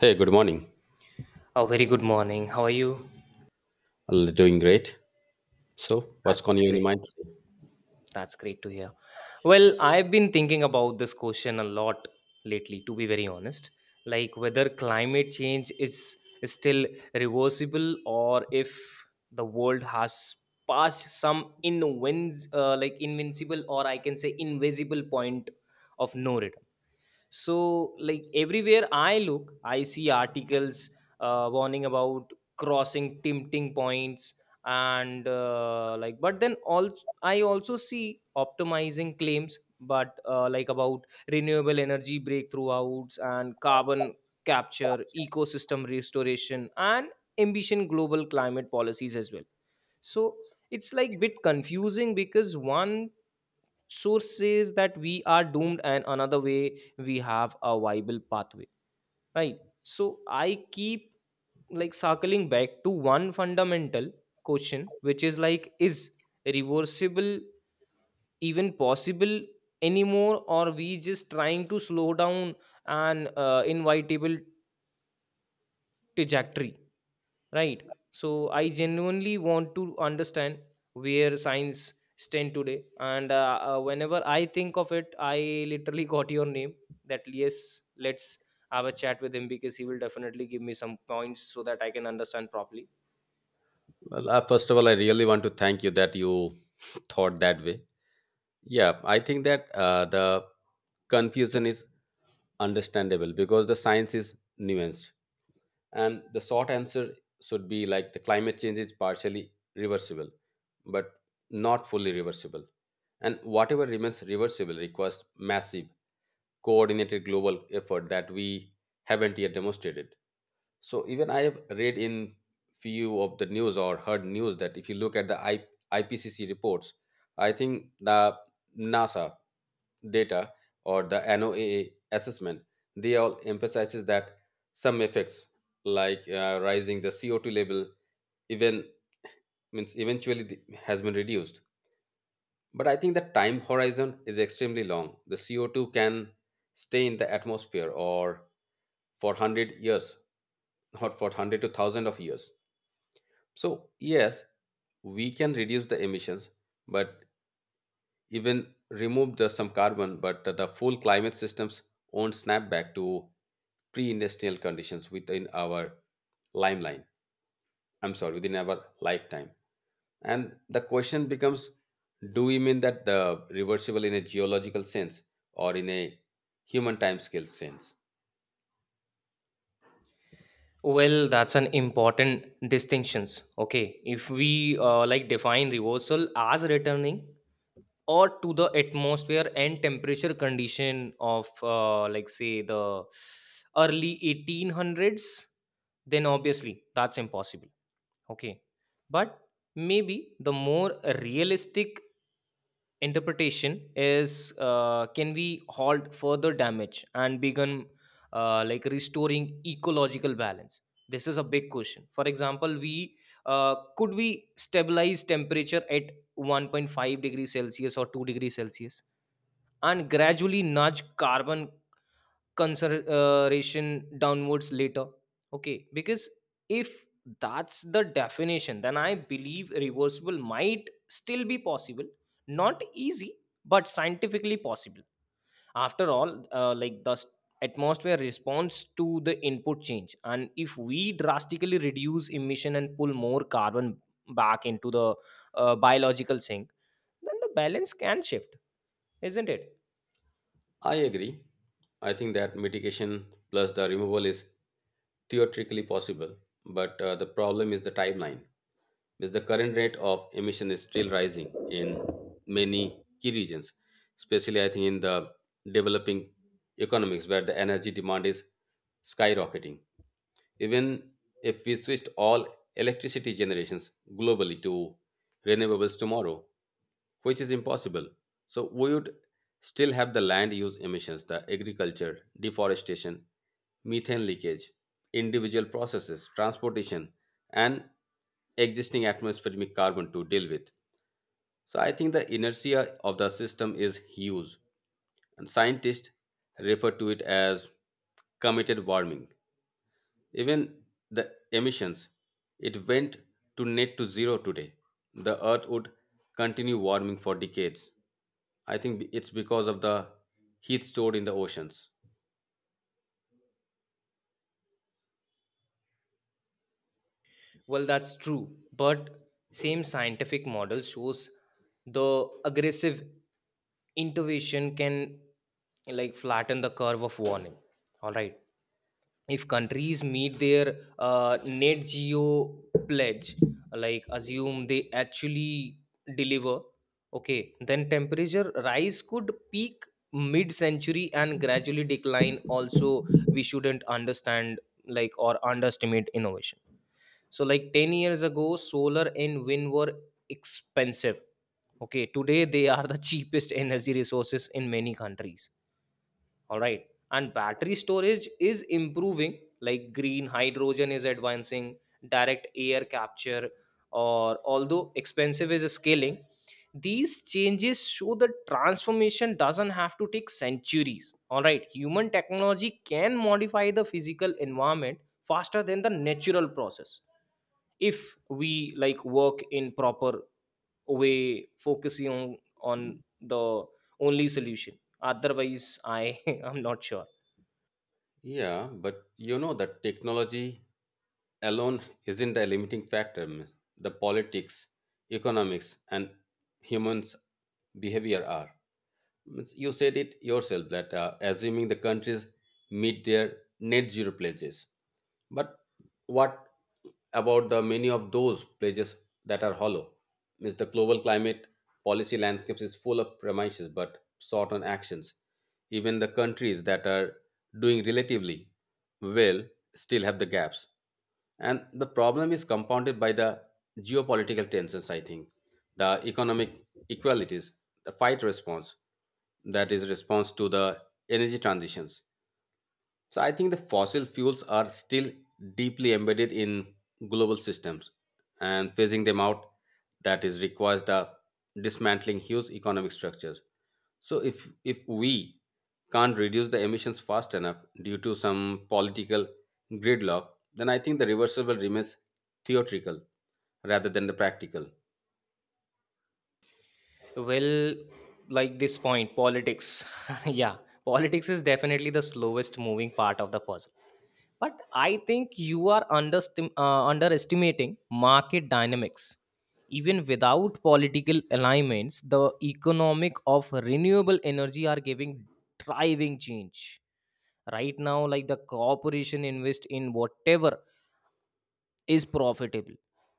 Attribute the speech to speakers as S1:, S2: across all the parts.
S1: Hey, good morning.
S2: Oh, very good morning. How are you?
S1: Well, doing great. So, what's going
S2: That's
S1: on in your
S2: great.
S1: mind today?
S2: That's great to hear. Well, I've been thinking about this question a lot lately, to be very honest. Like whether climate change is still reversible, or if the world has passed some invincible, or I can say invisible, point of no return. So, like everywhere I look, I see articles warning about crossing tempting points and like. But then all, I also see optimizing claims, but about renewable energy breakthroughs and carbon capture, ecosystem restoration, and ambition global climate policies as well. So it's like bit confusing, because one source says that we are doomed and another way we have a viable pathway, right? So I keep like circling back to one fundamental question, which is like, is reversible even possible anymore, or we just trying to slow down an inevitable trajectory. Right. So I genuinely want to understand where science stand today, and whenever I think of it, I literally got your name. That yes, let's have a chat with him, because he will definitely give me some points so that I can understand properly.
S1: Well, first of all, I really want to thank you that you thought that way. Yeah, I think that the confusion is understandable because the science is nuanced. And the short answer should be like the climate change is partially reversible, but not fully reversible. And whatever remains reversible requires massive, coordinated global effort that we haven't yet demonstrated. So even I have read in few of the news or heard news that if you look at the IPCC reports, I think the NASA data or the NOAA assessment, they all emphasizes that some effects like rising the CO2 level even means eventually the, has been reduced. But I think the time horizon is extremely long. The CO2 can stay in the atmosphere or for 100 years or for 100 to 1000 of years. So, yes, we can reduce the emissions but even remove the some carbon but the full climate systems won't snap back to pre-industrial conditions within our limeline, I'm sorry, within our lifetime. And the question becomes do we mean that the reversible in a geological sense or in a human time scale sense?
S2: Well, that's an important distinctions. Okay, if we define reversal as returning or to the atmosphere and temperature condition of say the early 1800s, then obviously that's impossible, okay? But maybe the more realistic interpretation is, can we halt further damage and begin restoring ecological balance? This is a big question. For example, we could we stabilize temperature at 1.5 degrees celsius or 2 degrees celsius and gradually nudge carbon consideration downwards later? Okay, because if that's the definition, then I believe reversible might still be possible. Not easy, but scientifically possible. After all, atmosphere responds to the input change, and if we drastically reduce emission and pull more carbon back into the biological sink, then the balance can shift, isn't it?
S1: I agree. I think that mitigation plus the removal is theoretically possible, but the problem is the timeline because the current rate of emission is still rising in many key regions, especially I think in the developing economies where the energy demand is skyrocketing. Even if we switched all electricity generations globally to renewables tomorrow, which is impossible. So we would still have the land use emissions, the agriculture, deforestation, methane leakage, individual processes, transportation, and existing atmospheric carbon to deal with. So I think the inertia of the system is huge, and scientists refer to it as committed warming. Even the emissions, it went to net to zero today. The Earth would continue warming for decades. I think it's because of the heat stored in the oceans.
S2: Well, that's true, but same scientific model shows the aggressive intervention can like flatten the curve of warning. All right, if countries meet their net geo pledge, like assume they actually deliver, okay, then temperature rise could peak mid-century and gradually decline. Also, we shouldn't understand like, or underestimate innovation, so like 10 years ago solar and wind were expensive, okay? Today they are the cheapest energy resources in many countries, all right? And battery storage is improving, like green hydrogen is advancing, direct air capture, or although expensive, is scaling. These changes show that transformation doesn't have to take centuries. All right, human technology can modify the physical environment faster than the natural process if we like work in proper way, focusing on the only solution. Otherwise I I'm not sure.
S1: Yeah, but you know that technology alone isn't the limiting factor. Miss. The politics, economics, and humans' behavior are. Means you said it yourself that assuming the countries meet their net zero pledges. But what about the many of those pledges that are hollow? Means the global climate policy landscapes is full of promises but short on actions. Even the countries that are doing relatively well still have the gaps. And the problem is compounded by the geopolitical tensions, I think, the economic equalities, the fight response, that is response to the energy transitions, so I think the fossil fuels are still deeply embedded in global systems and phasing them out that is requires the dismantling huge economic structures. So if we can't reduce the emissions fast enough due to some political gridlock, then I think the reversible remains theoretical rather than the practical.
S2: Well, like this point, politics yeah, politics is definitely the slowest moving part of the puzzle, but I think you are underestimating market dynamics. Even without political alignments, the economic of renewable energy are giving driving change right now, like the corporation invest in whatever is profitable.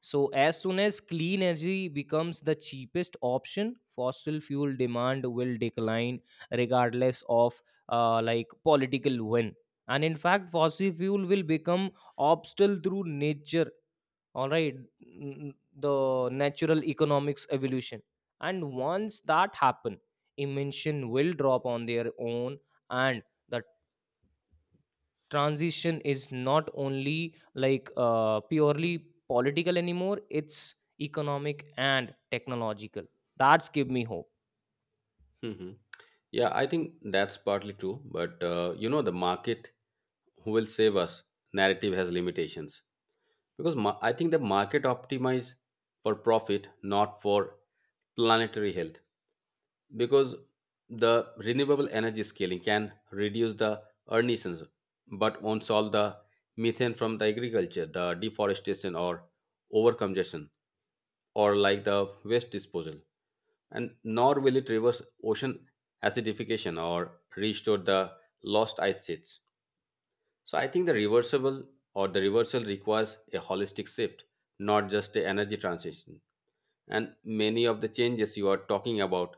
S2: So as soon as clean energy becomes the cheapest option, fossil fuel demand will decline regardless of political win. And in fact, fossil fuel will become obstacle through nature. All right, the natural economics evolution, and once that happen, emission will drop on their own, and the transition is not only like purely political anymore, it's economic and technological. That's give me hope.
S1: Mhm. Yeah, I think that's partly true, but you know the market who will save us narrative has limitations. Because I think the market optimize for profit, not for planetary health, because the renewable energy scaling can reduce the emissions but won't solve the methane from the agriculture, the deforestation, or overcongestion, or like the waste disposal, and nor will it reverse ocean acidification or restore the lost ice sheets. So I think the reversible or the reversal requires a holistic shift, not just an energy transition. And many of the changes you are talking about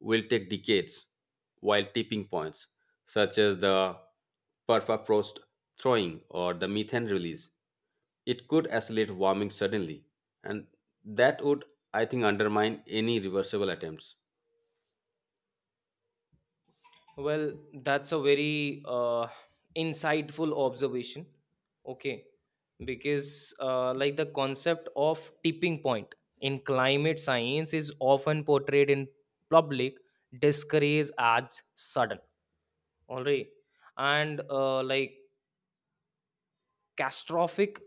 S1: will take decades, while tipping points, such as the permafrost thawing or the methane release, it could accelerate warming suddenly, and that would, I think, undermine any reversible attempts.
S2: Well, that's a very insightful observation, okay? Because the concept of tipping point in climate science is often portrayed in public discouraged as sudden, all right, and catastrophic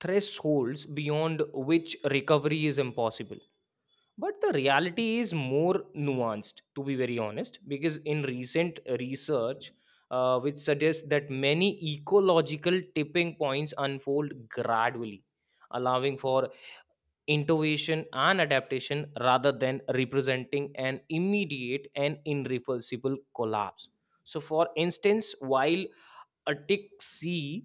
S2: thresholds beyond which recovery is impossible. But the reality is more nuanced, to be very honest, because in recent research, which suggests that many ecological tipping points unfold gradually, allowing for innovation and adaptation rather than representing an immediate and irreversible collapse. So, for instance, while Atlantic Sea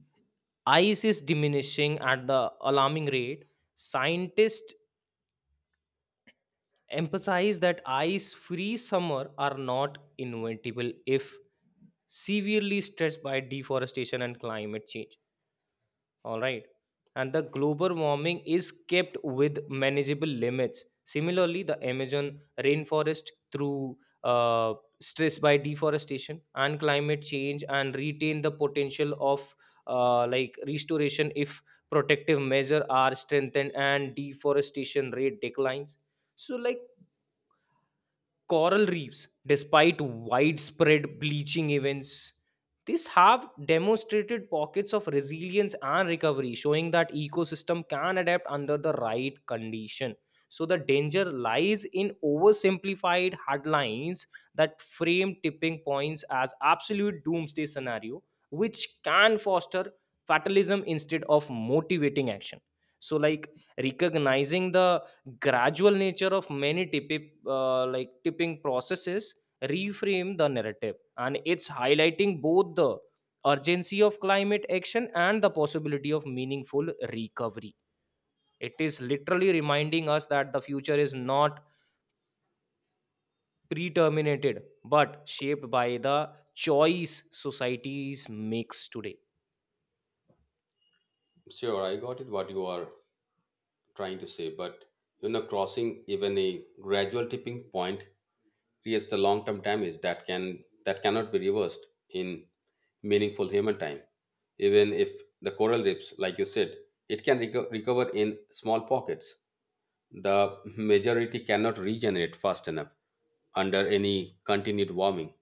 S2: ice is diminishing at the alarming rate. Scientists emphasize that ice free summer are not inventable if severely stressed by deforestation and climate change. All right. And the global warming is kept with manageable limits. Similarly, the Amazon rainforest through stress by deforestation and climate change, and retain the potential of restoration if protective measures are strengthened and deforestation rate declines. So like coral reefs, despite widespread bleaching events, these have demonstrated pockets of resilience and recovery, showing that ecosystem can adapt under the right condition. So the danger lies in oversimplified headlines that frame tipping points as absolute doomsday scenario, which can foster fatalism instead of motivating action. So like recognizing the gradual nature of many tipi like tipping processes reframe the narrative, and it's highlighting both the urgency of climate action and the possibility of meaningful recovery. It is literally reminding us that the future is not predeterminated, but shaped by the choice societies makes today.
S1: Sure, I got it what you are trying to say, but you know, crossing even a gradual tipping point creates the long-term damage that cannot be reversed in meaningful human time. Even if the coral reefs, like you said, it can recover in small pockets, the majority cannot regenerate fast enough under any continued warming.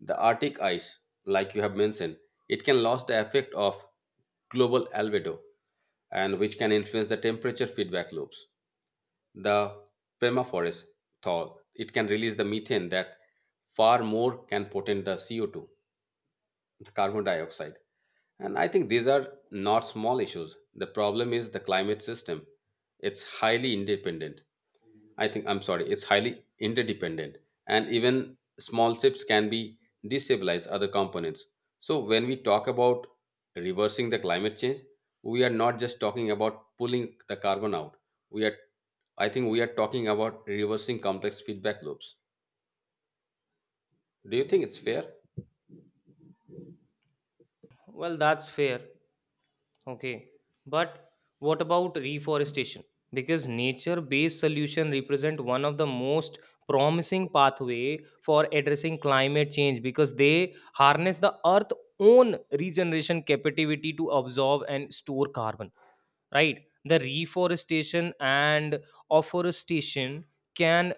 S1: The Arctic ice, like you have mentioned, it can lose the effect of global albedo, and which can influence the temperature feedback loops, the permafrost thaw, it can release the methane that far more can potent the CO2, the carbon dioxide. And I think these are not small issues. The problem is the climate system. It's highly independent. I think I'm sorry, it's highly interdependent, and even small shifts can be destabilize other components. So when we talk about reversing the climate change, we are not just talking about pulling the carbon out. We are, I think, we are talking about reversing complex feedback loops. Do you think it's fair?
S2: Well, that's fair. Okay, but what about reforestation? Because nature-based solution represent one of the most promising pathway for addressing climate change, because they harness the earth's own regeneration capacity to absorb and store carbon. Right, the reforestation and afforestation can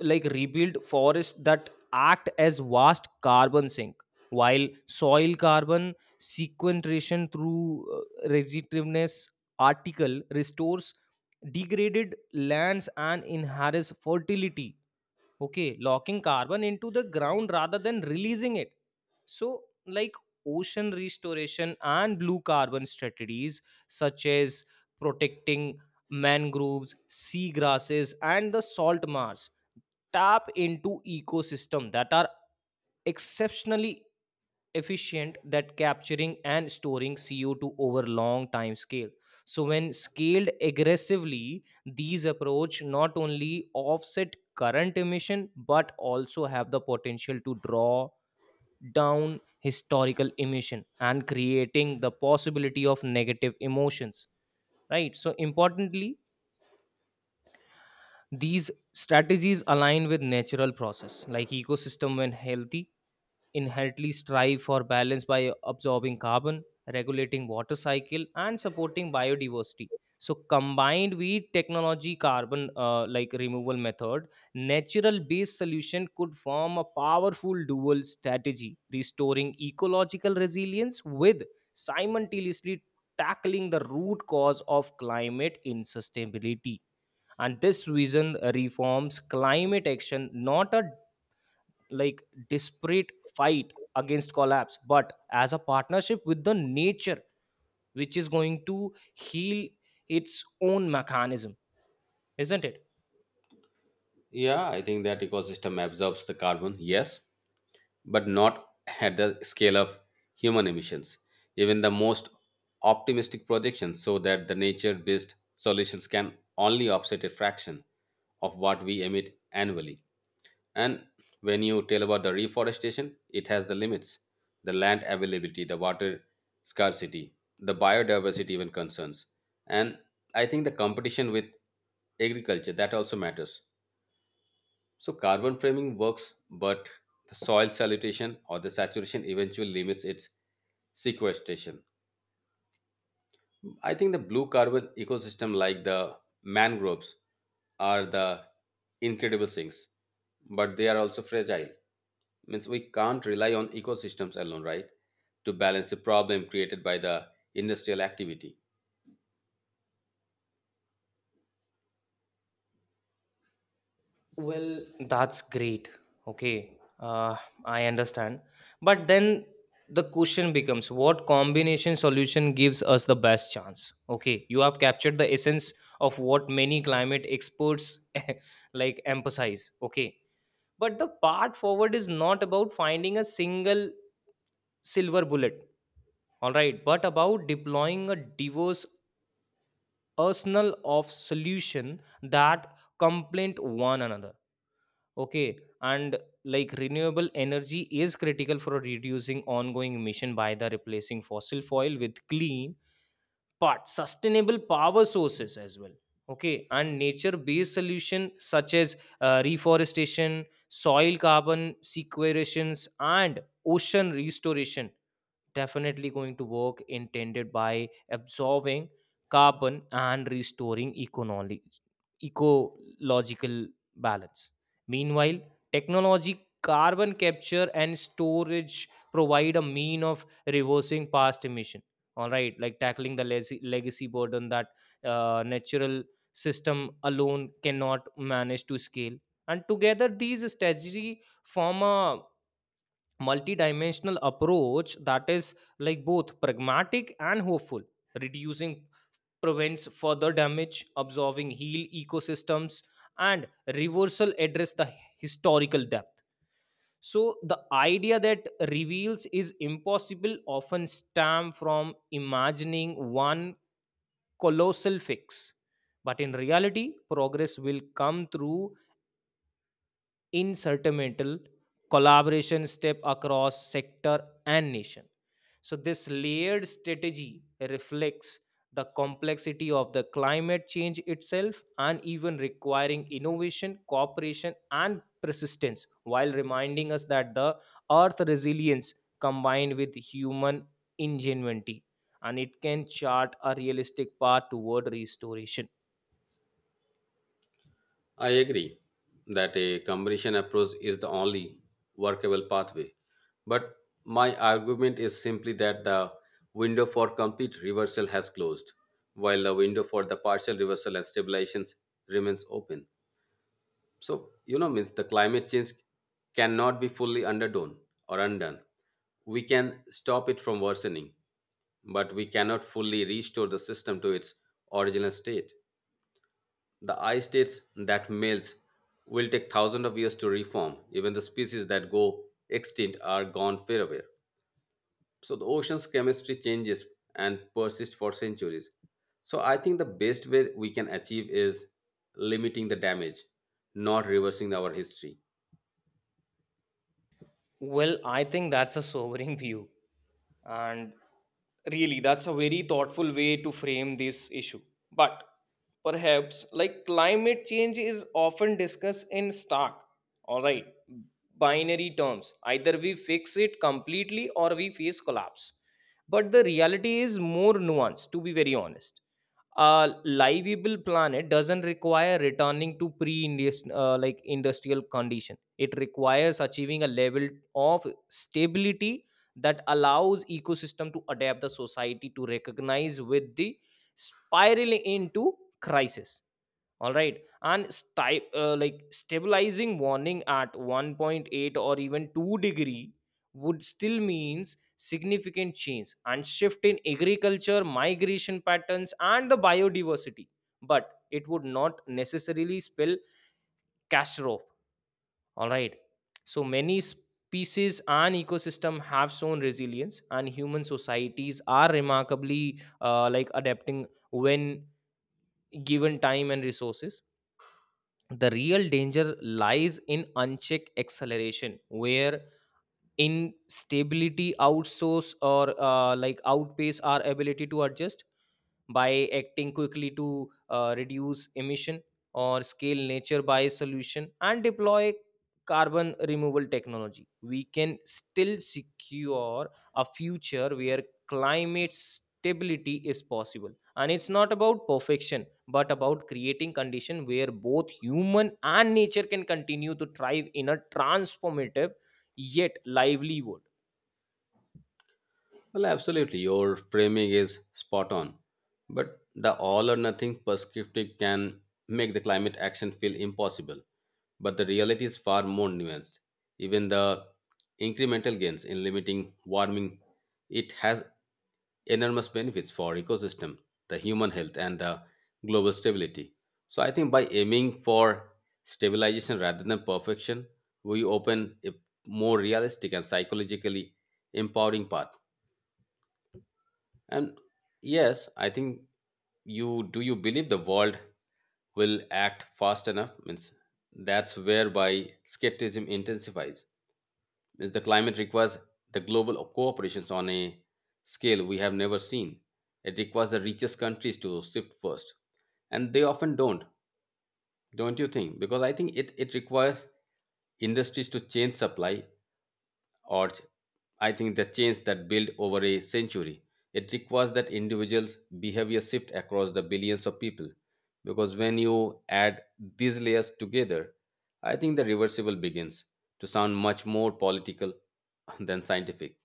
S2: like rebuild forests that act as vast carbon sink, while soil carbon sequestration through regenerativeness article restores degraded lands and enhances fertility, okay, locking carbon into the ground rather than releasing it. So, like ocean restoration and blue carbon strategies, such as protecting mangroves, seagrasses, and the salt marsh, tap into ecosystem that are exceptionally efficient that capturing and storing CO2 over long time scale. So when scaled aggressively, these approach not only offset current emission, but also have the potential to draw down historical emission and creating the possibility of negative emotions. Right, so importantly, these strategies align with natural process, like ecosystem when healthy inherently strive for balance by absorbing carbon, regulating water cycle and supporting biodiversity. So combined with technology carbon removal method, natural based solution could form a powerful dual strategy, restoring ecological resilience with simultaneously tackling the root cause of climate insustainability. And this vision reforms climate action not a like disparate fight against collapse, but as a partnership with the nature, which is going to heal its own mechanism, isn't it?
S1: Yeah, I think that ecosystem absorbs the carbon. Yes, but not at the scale of human emissions. Even the most optimistic projections show that the nature based solutions can only offset a fraction of what we emit annually. And when you tell about the reforestation, it has the limits, the land availability, the water scarcity, the biodiversity, even concerns. And I think the competition with agriculture that also matters. So carbon framing works, but the soil salutation or the saturation eventually limits its sequestration. I think the blue carbon ecosystem like the mangroves are the incredible things, but they are also fragile. Means we can't rely on ecosystems alone, right? To balance the problem created by the industrial activity.
S2: Well, that's great. Okay, I understand. But then the question becomes, what combination solution gives us the best chance? Okay, you have captured the essence of what many climate experts like emphasize. Okay, but the path forward is not about finding a single silver bullet, all right, but about deploying a diverse arsenal of solution that complement one another. Okay, and like renewable energy is critical for reducing ongoing emission by the replacing fossil fuel with clean part sustainable power sources as well. Okay, and nature based solution such as reforestation, soil carbon sequestrations, and ocean restoration definitely going to work intended by absorbing carbon and restoring economic ecological balance. Meanwhile, technology carbon capture and storage provide a mean of reversing past emission. All right, like tackling the legacy burden that natural system alone cannot manage to scale. And together these strategy form a multidimensional approach that is like both pragmatic and hopeful. Reducing prevents further damage, absorbing heal ecosystems, and reversal address the historical depth. So the idea that reveals is impossible often stem from imagining one colossal fix. But in reality, progress will come through insurmountable collaboration step across sector and nation. So this layered strategy reflects the complexity of the climate change itself, and even requiring innovation, cooperation, and persistence, while reminding us that the earth resilience combined with human ingenuity, and it can chart a realistic path toward restoration.
S1: I agree that a combination approach is the only workable pathway. But my argument is simply that the window for complete reversal has closed, while the window for the partial reversal and stabilizations remains open. So, you know, means the climate change cannot be fully underdone or undone. We can stop it from worsening, but we cannot fully restore the system to its original state. The ice states that males will take thousands of years to reform. Even the species that go extinct are gone forever. So the ocean's chemistry changes and persists for centuries. So I think the best way we can achieve is limiting the damage, not reversing our history.
S2: Well, I think that's a sobering view. And really, that's a very thoughtful way to frame this issue. But perhaps, like climate change is often discussed in stark, all right, binary terms. Either we fix it completely or we face collapse. But the reality is more nuanced, to be very honest. A livable planet doesn't require returning to pre-industrial like industrial condition. It requires achieving a level of stability that allows ecosystem to adapt the society to recognize with the spiraling into crisis, all right, and stabilizing warning at 1.8 or even 2-degree would still means significant change and shift in agriculture, migration patterns, and the biodiversity, but it would not necessarily spell catastrophe, all right. So many species and ecosystem have shown resilience, and human societies are remarkably like adapting when given time and resources. The real danger lies in unchecked acceleration, where instability outsource or outpace our ability to adjust by acting quickly to reduce emission or scale nature by solution and deploy carbon removal technology we can still secure a future where climate stability is possible, and it's not about perfection but about creating condition where both human and nature can continue to thrive in a transformative yet lively world.
S1: Well, absolutely, your framing is spot on. But the all or nothing perspective can make the climate action feel impossible. But the reality is far more nuanced. Even the incremental gains in limiting warming, it has enormous benefits for ecosystem, the human health, and the global stability. So I think by aiming for stabilization rather than perfection, we open a more realistic and psychologically empowering path. And yes, I think you do you believe the world will act fast enough? Means that's whereby skepticism intensifies. Means the climate requires the global cooperations on a scale we have never seen. It requires the richest countries to shift first. And they often don't you think? Because I think it requires industries to change supply, or I think the change that built over a century. It requires that individuals' behavior shift across the billions of people. Because when you add these layers together, I think the reversible begins to sound much more political than scientific.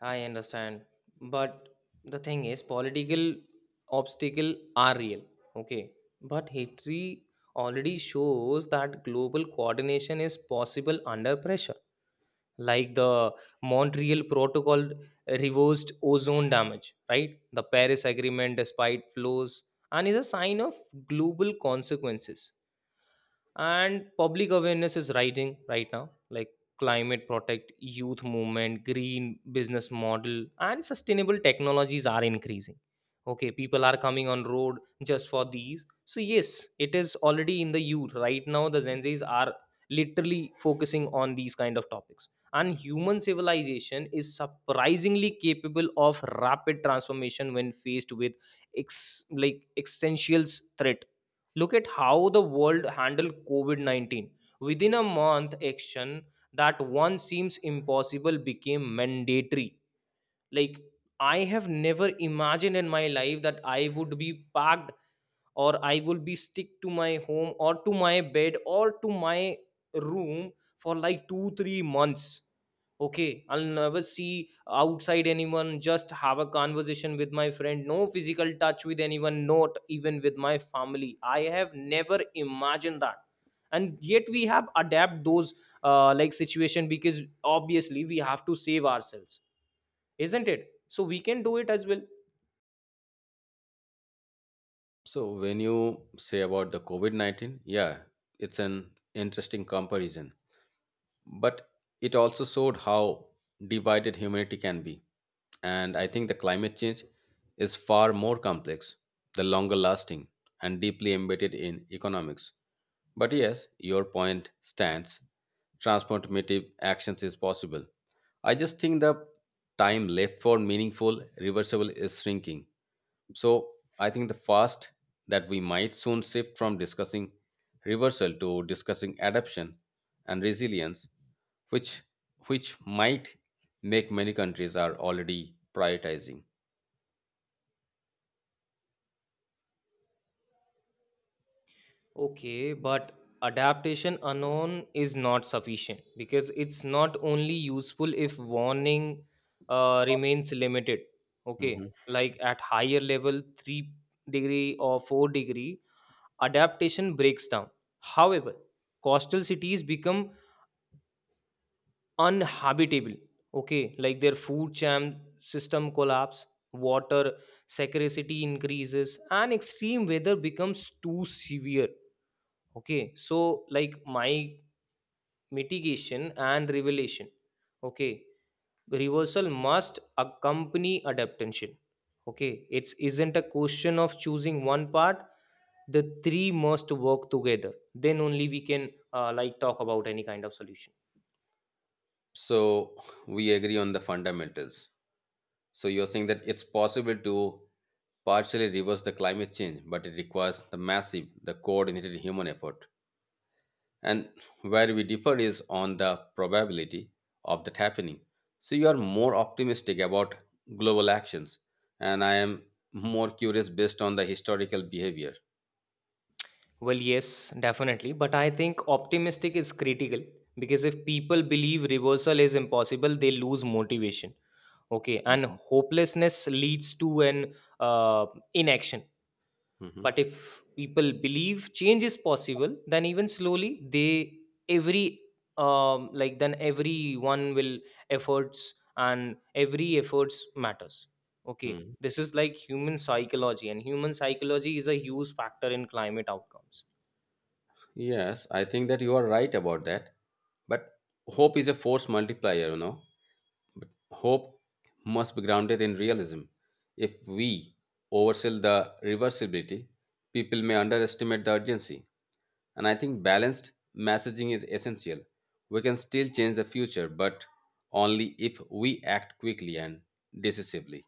S2: I understand. But the thing is, political obstacle are real. Okay. But history already shows that global coordination is possible under pressure, like the Montreal Protocol reversed ozone damage, right? The Paris Agreement, despite flaws, and is a sign of global consequences, and public awareness is rising right now, like climate protect youth movement, green business model and sustainable technologies are increasing. Okay, people are coming on road just for these, so yes, it is already in the youth right now. The gen z's are literally focusing on these kind of topics, and human civilization is surprisingly capable of rapid transformation when faced with existential threat. Look at how the world handled COVID 19. Within a month, action that once seems impossible became mandatory, like I have never imagined in my life that I would be packed, or I would be stick to my home or to my bed or to my room for like 2 3 months. Okay, I'll never see outside anyone, just have a conversation with my friend, no physical touch with anyone, not even with my family. I have never imagined that, and yet we have adapt those situation, because obviously we have to save ourselves, isn't it? So we can do it as well.
S1: So when you say about the COVID-19, yeah, it's an interesting comparison, but it also showed how divided humanity can be. And I think the climate change is far more complex, the longer lasting, and deeply embedded in economics. But yes, your point stands. Transformative actions is possible. I just think the time left for meaningful reversible is shrinking. So I think the fast that we might soon shift from discussing reversal to discussing adaptation and resilience, which which might make many countries are already prioritizing.
S2: Okay, but adaptation unknown is not sufficient because it's not only useful if warning remains limited. Okay,
S1: Hmm.
S2: like at higher level, 3 degree or 4-degree, adaptation breaks down. However, coastal cities become Unhabitable. Okay, like their food chain system collapse, water scarcity increases, and extreme weather becomes too severe. Okay, so like my mitigation and revelation. Okay, reversal must accompany adaptation. Okay, it isn't a question of choosing one part. The three must work together. Then only we can talk about any kind of solution.
S1: So we agree on the fundamentals. So you're saying that it's possible to partially reverse the climate change, but it requires the massive, the coordinated human effort, and where we differ is on the probability of that happening. So you are more optimistic about global actions, and I am more curious based on the historical behavior.
S2: Well, yes, definitely. But I think optimistic is critical because if people believe reversal is impossible, they lose motivation. Okay. And
S1: Hmm.
S2: hopelessness leads to an uh, inaction.
S1: Mhm.
S2: But if people believe change is possible, then even slowly, they every then everyone will efforts and every efforts matters. Okay.
S1: Mhm.
S2: This is like human psychology, and human psychology is a huge factor in climate outcomes.
S1: Yes, I think that you are right about that. But hope is a force multiplier, you know. But hope must be grounded in realism. If we oversell the reversibility, people may underestimate the urgency. And I think balanced messaging is essential. We can still change the future, but only if we act quickly and decisively.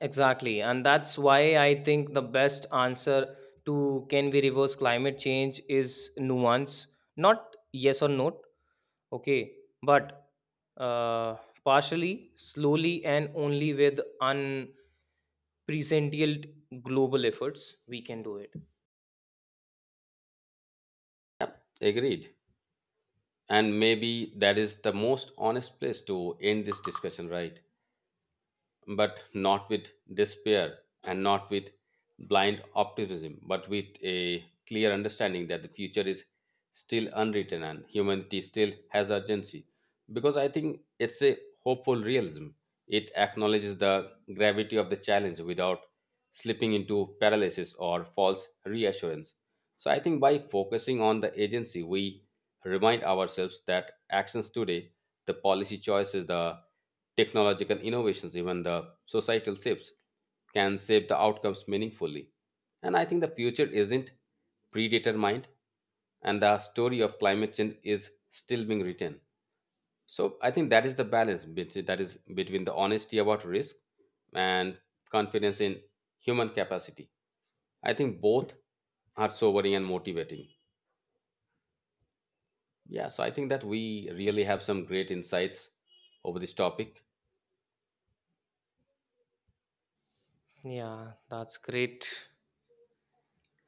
S2: Exactly. And that's why I think the best answer to can we reverse climate change is nuance, not yes or no. Okay. But uh, partially, slowly, and only with unprecedented global efforts, we can do it.
S1: Agreed. And maybe that is the most honest place to end this discussion, right? But not with despair and not with blind optimism, but with a clear understanding that the future is still unwritten and humanity still has urgency. Because I think it's a hopeful realism. It acknowledges the gravity of the challenge without slipping into paralysis or false reassurance. So I think by focusing on the agency, we remind ourselves that actions today, the policy choices, the technological innovations, even the societal shifts, can shape the outcomes meaningfully. And I think the future isn't predetermined, and the story of climate change is still being written. So I think that is the balance between, that is between the honesty about risk and confidence in human capacity. I think both are sobering and motivating. Yeah, so I think that we really have some great insights over this topic.
S2: Yeah, that's great.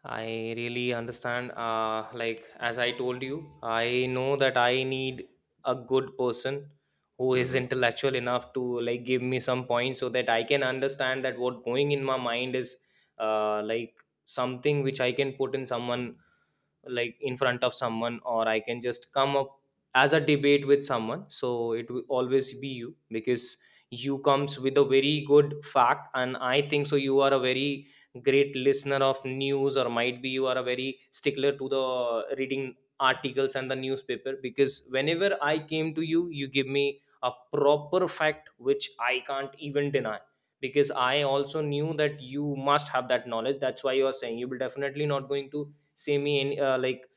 S2: I really understand. As I told you, I know that I need a good person who is
S1: Mhm.
S2: intellectual enough to like give me some points so that I can understand that what going in my mind is uh, like something which I can put in someone, like in front of someone, or I can just come up as a debate with someone. So it will always be you, because you comes with a very good fact, and I think so you are a very great listener of news, or might be you are a very stickler to the reading articles and the newspaper, because whenever I came to you, you give me a proper fact which I can't even deny, because I also knew that you must have that knowledge. That's why you are saying you will definitely not going to semi any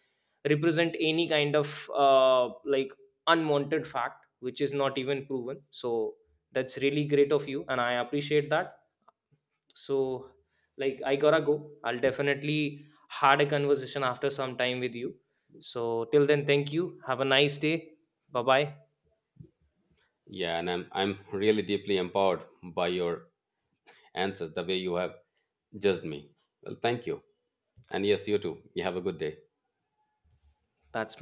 S2: represent any kind of unwanted fact which is not even proven. So that's really great of you, and I appreciate that. So like I gotta go. I'll definitely had a conversation after some time with you. So till then, thank you, have a nice day. Bye bye.
S1: Yeah, and I'm really deeply empowered by your answers, the way you have judged me. Well, thank you. And yes, you too. You have a good day.
S2: That's